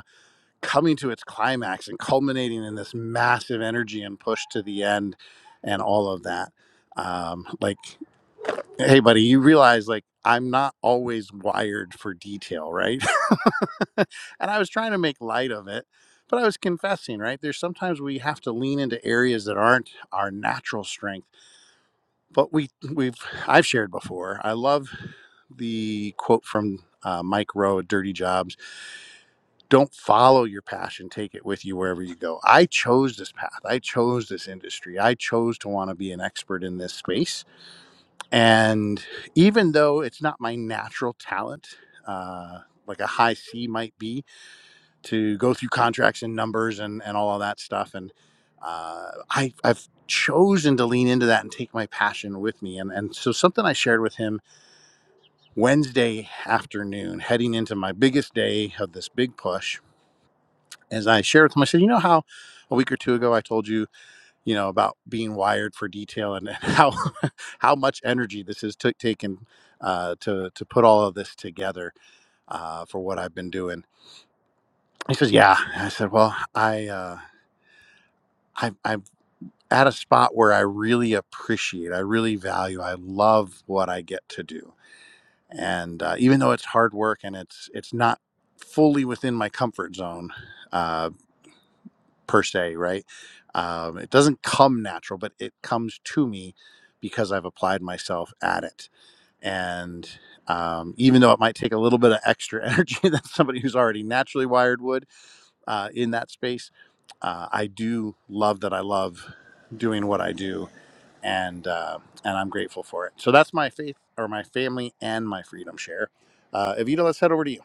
[SPEAKER 1] coming to its climax and culminating in this massive energy and push to the end and all of that um like hey buddy you realize like i'm not always wired for detail right <laughs> and i was trying to make light of it but i was confessing right there's sometimes we have to lean into areas that aren't our natural strength but we we've i've shared before i love the quote from uh, mike rowe at dirty jobs don't follow your passion take it with you wherever you go i chose this path i chose this industry i chose to want to be an expert in this space and even though it's not my natural talent uh, like a high c might be to go through contracts and numbers and, and all of that stuff and uh, I, i've chosen to lean into that and take my passion with me and, and so something i shared with him wednesday afternoon heading into my biggest day of this big push as I shared with him, I said, you know how a week or two ago I told you, you know, about being wired for detail and and how <laughs> how much energy this has took taken uh, to to put all of this together uh, for what I've been doing. He says, yeah. I said, well, I uh, I I'm at a spot where I really appreciate, I really value, I love what I get to do, and uh, even though it's hard work and it's it's not fully within my comfort zone Uh, per se, right? Um, it doesn't come natural, but it comes to me because I've applied myself at it. And um, even though it might take a little bit of extra <laughs> energy than somebody who's already naturally wired would uh, in that space, uh, I do love that I love doing what I do, and uh, and I'm grateful for it. So that's my faith, or my family, and my freedom share. Uh, Evita, let's head over to you.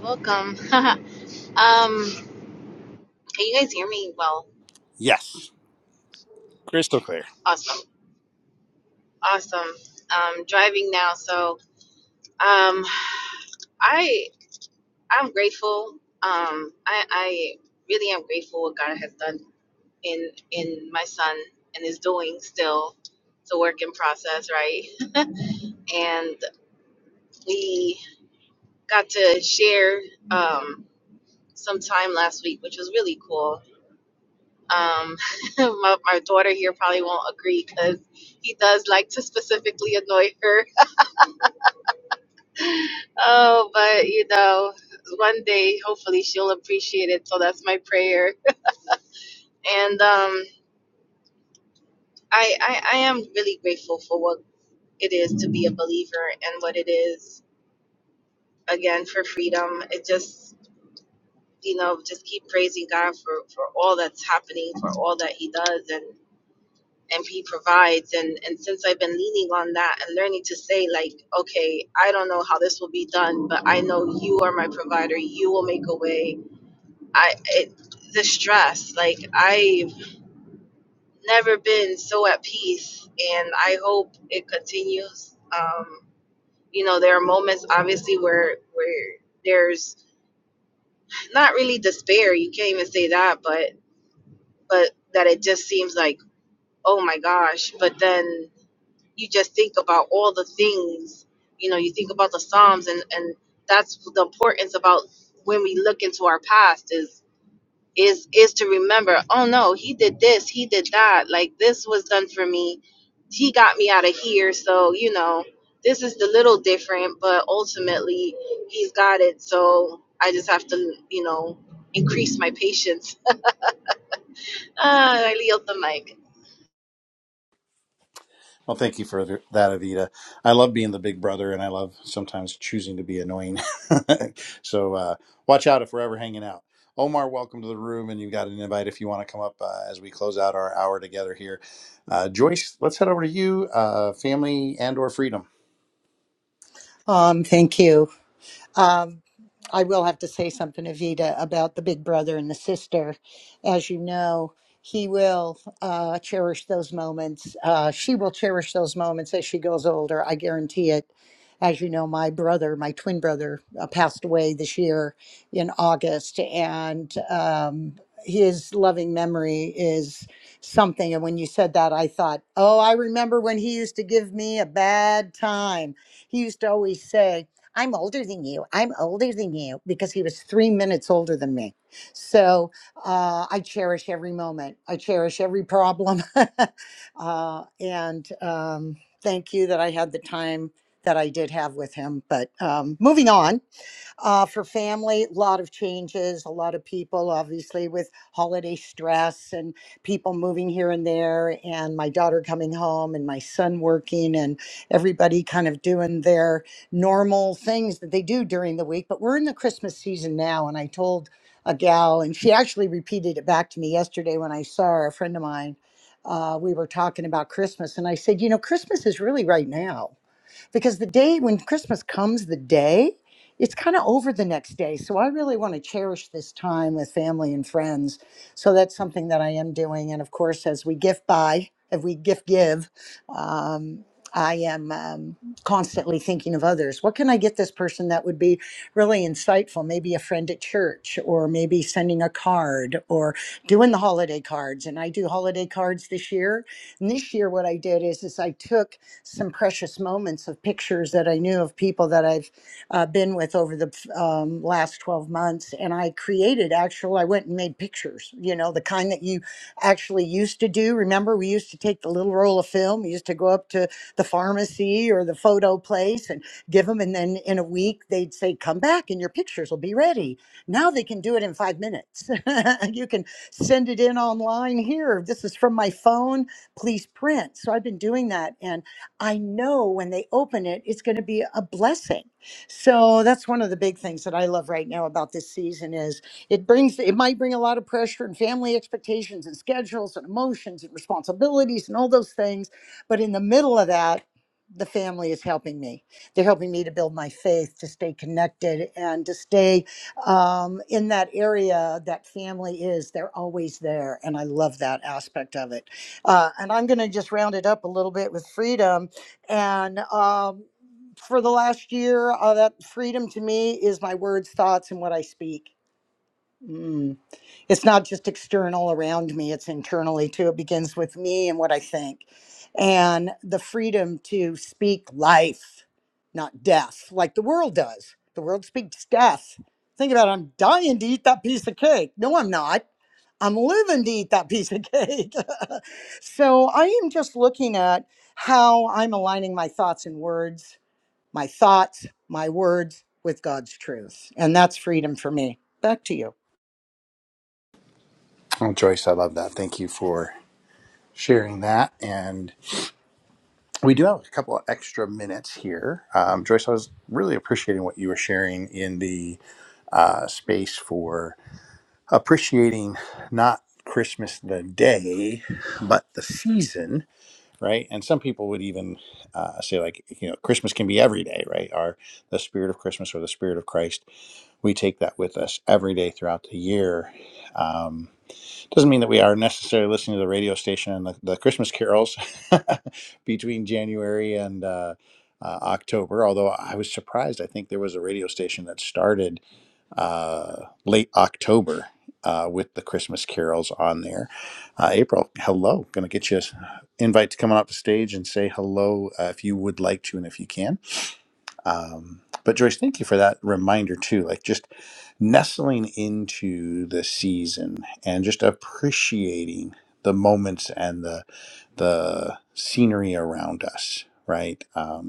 [SPEAKER 2] Welcome. <laughs> um, can you guys hear me? Well,
[SPEAKER 1] Yes, crystal clear.
[SPEAKER 2] awesome, awesome. Um, driving now, so um, I I'm grateful. Um, I I really am grateful what God has done in in my son and is doing still. It's a work in process, right? And we got to share um, some time last week, which was really cool Um, <laughs> my, my daughter here probably won't agree because he does like to specifically annoy her. <laughs> oh, but you know, one day hopefully she'll appreciate it. So that's my prayer. And um, I, I, I am really grateful for what it is to be a believer and what it is again for freedom. It just you know just keep praising God for for all that's happening, for all that He does, and and he provides and and since i've been leaning on that and learning to say like okay i don't know how this will be done but i know you are my provider you will make a way i it, the stress like i've never been so at peace and i hope it continues um you know there are moments obviously where where there's not really despair you can't even say that but but that it just seems like oh my gosh but then you just think about all the things you know you think about the psalms and and that's the importance about when we look into our past is is is to remember oh no he did this he did that like this was done for me he got me out of here so you know this is the little different but ultimately he's got it so i just have to you know increase my patience <laughs> ah, i yield the mic
[SPEAKER 1] Well, thank you for th- that, Avita. I love being the big brother, and I love sometimes choosing to be annoying. <laughs> so uh, watch out if we're ever hanging out. Omar, welcome to the room, and you've got an invite if you want to come up uh, as we close out our hour together here. Uh, Joyce, let's head over to you, uh, family and or freedom.
[SPEAKER 3] Um, thank you. Um, I will have to say something, Evita, about the big brother and the sister. As you know, he will uh, cherish those moments. Uh, she will cherish those moments as she goes older. I guarantee it. As you know, my brother, my twin brother, uh, passed away this year in August, and um, his loving memory is something. And when you said that, I thought, oh, I remember when he used to give me a bad time he used to always say, I'm older than you. I'm older than you because he was three minutes older than me. So uh, I cherish every moment. I cherish every problem. <laughs> uh, and um, thank you that I had the time that I did have with him. But um, moving on uh, for family. A lot of changes, a lot of people, obviously, with holiday stress and people moving here and there, and my daughter coming home and my son working, and everybody kind of doing their normal things that they do during the week. But we're in the Christmas season now, and I told a gal, and she actually repeated it back to me yesterday when I saw her, a friend of mine. Uh, we were talking about Christmas, and I said, You know, Christmas is really right now because the day when Christmas comes, the day, it's kind of over the next day. So I really want to cherish this time with family and friends. So that's something that I am doing. And of course, as we gift buy, if we gift give, um, I am um, constantly thinking of others. What can I get this person that would be really insightful? Maybe a friend at church, or maybe sending a card, or doing the holiday cards. And I do holiday cards this year. And this year, what I did is, is I took some precious moments of pictures that I knew of people that I've uh, been with over the um, last 12 months. And I created actual, I went and made pictures, you know, the kind that you actually used to do. Remember, we used to take the little roll of film, we used to go up to the pharmacy or the photo place and give them. And then in a week, they'd say, come back and your pictures will be ready. Now they can do it in five minutes. <laughs> you can send it in online here. This is from my phone. Please print. So I've been doing that. And I know when they open it, it's going to be a blessing. So that's one of the big things that I love right now about this season is it brings it might bring a lot of pressure and family expectations and schedules and emotions and responsibilities and all those things, but in the middle of that, the family is helping me. They're helping me to build my faith, to stay connected, and to stay um, in that area that family is. They're always there, and I love that aspect of it. Uh, and I'm going to just round it up a little bit with freedom and um, for the last year, uh, that freedom to me is my words, thoughts, and what I speak. Mm it's not just external around me it's internally too it begins with me and what i think and the freedom to speak life not death like the world does the world speaks death think about it i'm dying to eat that piece of cake no i'm not i'm living to eat that <laughs> piece of cake <laughs> so i am just looking at how i'm aligning my thoughts and words my thoughts my words with god's truth and that's freedom for me back to you
[SPEAKER 1] Oh, Joyce, I love that. Thank you for sharing that. And we do have a couple of extra minutes here. Um, Joyce, I was really appreciating what you were sharing in the uh, space for appreciating not Christmas the day, but the season, right? And some people would even uh, say, like, you know, Christmas can be every day, right? Or the spirit of Christmas or the spirit of Christ, we take that with us every day throughout the year. Um, doesn't mean that we are necessarily listening to the radio station and the, the Christmas carols <laughs> between January and uh, uh, October, although I was surprised. I think there was a radio station that started uh, late October uh, with the Christmas carols on there. Uh, April, hello. Going to get you an invite to come on up the stage and say hello uh, if you would like to and if you can. Um, but Joyce, thank you for that reminder too. Like just nestling into the season and just appreciating the moments and the the scenery around us, right? Um,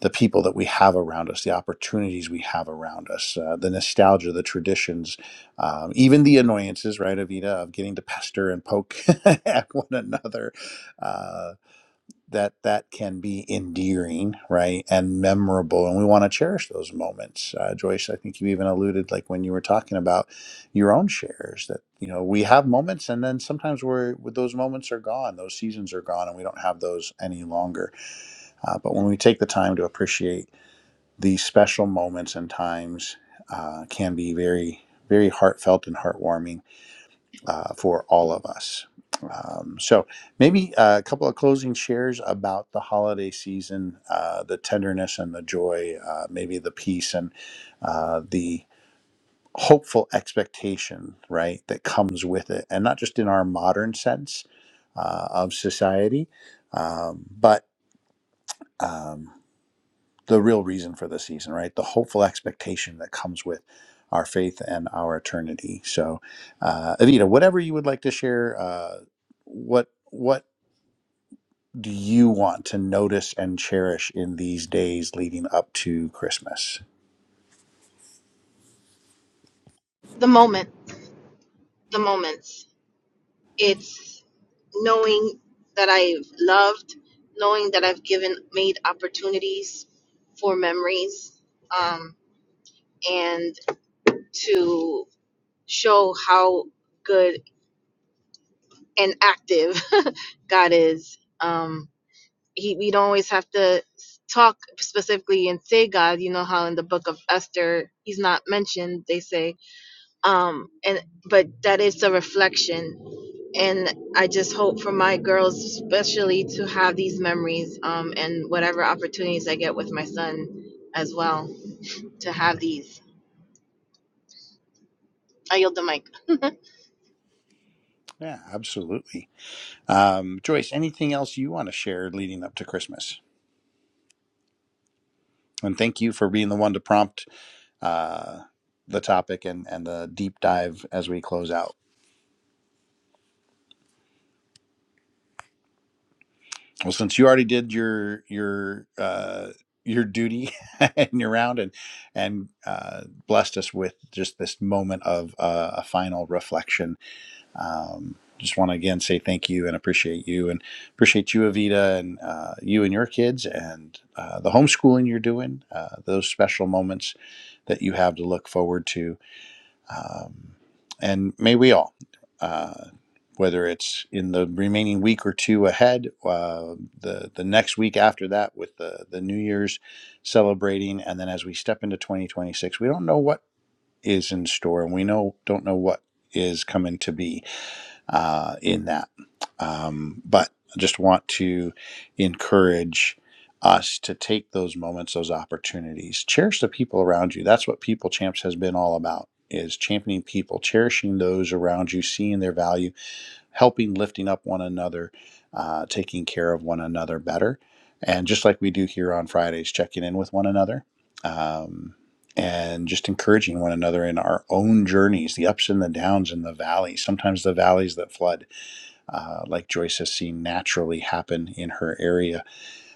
[SPEAKER 1] the people that we have around us, the opportunities we have around us, uh, the nostalgia, the traditions, um, even the annoyances, right, Avita, of getting to pester and poke <laughs> at one another. Uh, that that can be endearing, right, and memorable, and we want to cherish those moments. Uh, Joyce, I think you even alluded, like when you were talking about your own shares, that you know we have moments, and then sometimes we're those moments are gone, those seasons are gone, and we don't have those any longer. Uh, but when we take the time to appreciate these special moments and times uh, can be very, very heartfelt and heartwarming uh, for all of us. Um, so, maybe uh, a couple of closing shares about the holiday season, uh, the tenderness and the joy, uh, maybe the peace and uh, the hopeful expectation, right, that comes with it. And not just in our modern sense uh, of society, um, but. Um, the real reason for the season, right? The hopeful expectation that comes with our faith and our eternity. So, uh, Evita, whatever you would like to share, uh, what what do you want to notice and cherish in these days leading up to Christmas?
[SPEAKER 2] the moment the moments It's knowing that I've loved, knowing that I've given, made opportunities for memories, um, and to show how good and active <laughs> God is. Um, he, we don't always have to talk specifically and say God. You know how in the book of Esther, he's not mentioned. They say um and but that is a reflection and i just hope for my girls especially to have these memories um and whatever opportunities i get with my son as well to have these i yield the mic
[SPEAKER 1] Yeah, absolutely. Um, Joyce, anything else you want to share leading up to Christmas? And thank you for being the one to prompt uh, the topic and, and the deep dive as we close out. Well, since you already did your your uh, your duty <laughs> and your round, and and uh, blessed us with just this moment of uh, a final reflection, um, just want to again say thank you and appreciate you and appreciate you, Evita, and uh, you and your kids and uh, the homeschooling you're doing. Uh, those special moments that you have to look forward to, um, and may we all, uh, whether it's in the remaining week or two ahead, uh, the the next week after that, with the the New Year's celebrating, and then as we step into 2026, we don't know what is in store, and we know don't know what is coming to be uh, in that. Um, but I just want to encourage us to take those moments, those opportunities, cherish the people around you. That's what People Champs has been all about is championing people, cherishing those around you, seeing their value, helping lifting up one another, uh, taking care of one another better. And just like we do here on Fridays, checking in with one another um, and just encouraging one another in our own journeys, the ups and the downs and the valleys, sometimes the valleys that flood, uh, like Joyce has seen naturally happen in her area,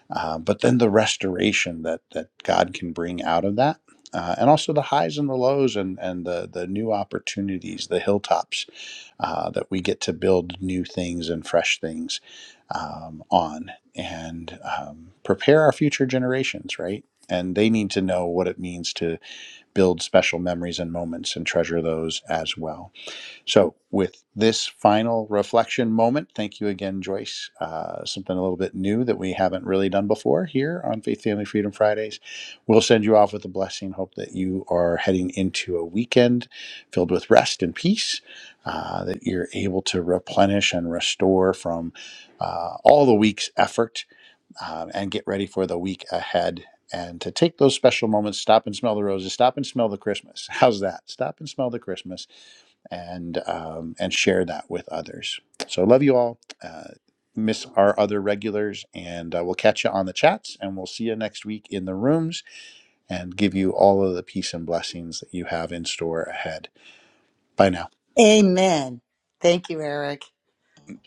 [SPEAKER 1] uh, but then the restoration that, that God can bring out of that. Uh, and also the highs and the lows and, and the, the new opportunities, the hilltops uh, that we get to build new things and fresh things um, on and um, prepare our future generations, right? And they need to know what it means to build special memories and moments and treasure those as well. So, with this final reflection moment, thank you again, Joyce. Uh, something a little bit new that we haven't really done before here on Faith Family Freedom Fridays. We'll send you off with a blessing. Hope that you are heading into a weekend filled with rest and peace, uh, that you're able to replenish and restore from uh, all the week's effort um, and get ready for the week ahead. And to take those special moments, stop and smell the roses, stop and smell the Christmas. <laughs> How's that? Stop and smell the Christmas and um, and share that with others. So love you all. Uh, miss our other regulars, and uh, we'll catch you on the chats, and we'll see you next week in the rooms, and give you all of the peace and blessings that you have in store ahead. Bye now.
[SPEAKER 3] Amen. Thank you, Eric.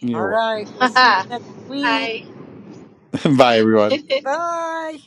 [SPEAKER 1] You're
[SPEAKER 3] All right.
[SPEAKER 2] <laughs>
[SPEAKER 3] We'll see you
[SPEAKER 2] hi
[SPEAKER 3] next week.
[SPEAKER 1] welcome. <laughs> Bye everyone.
[SPEAKER 3] Bye.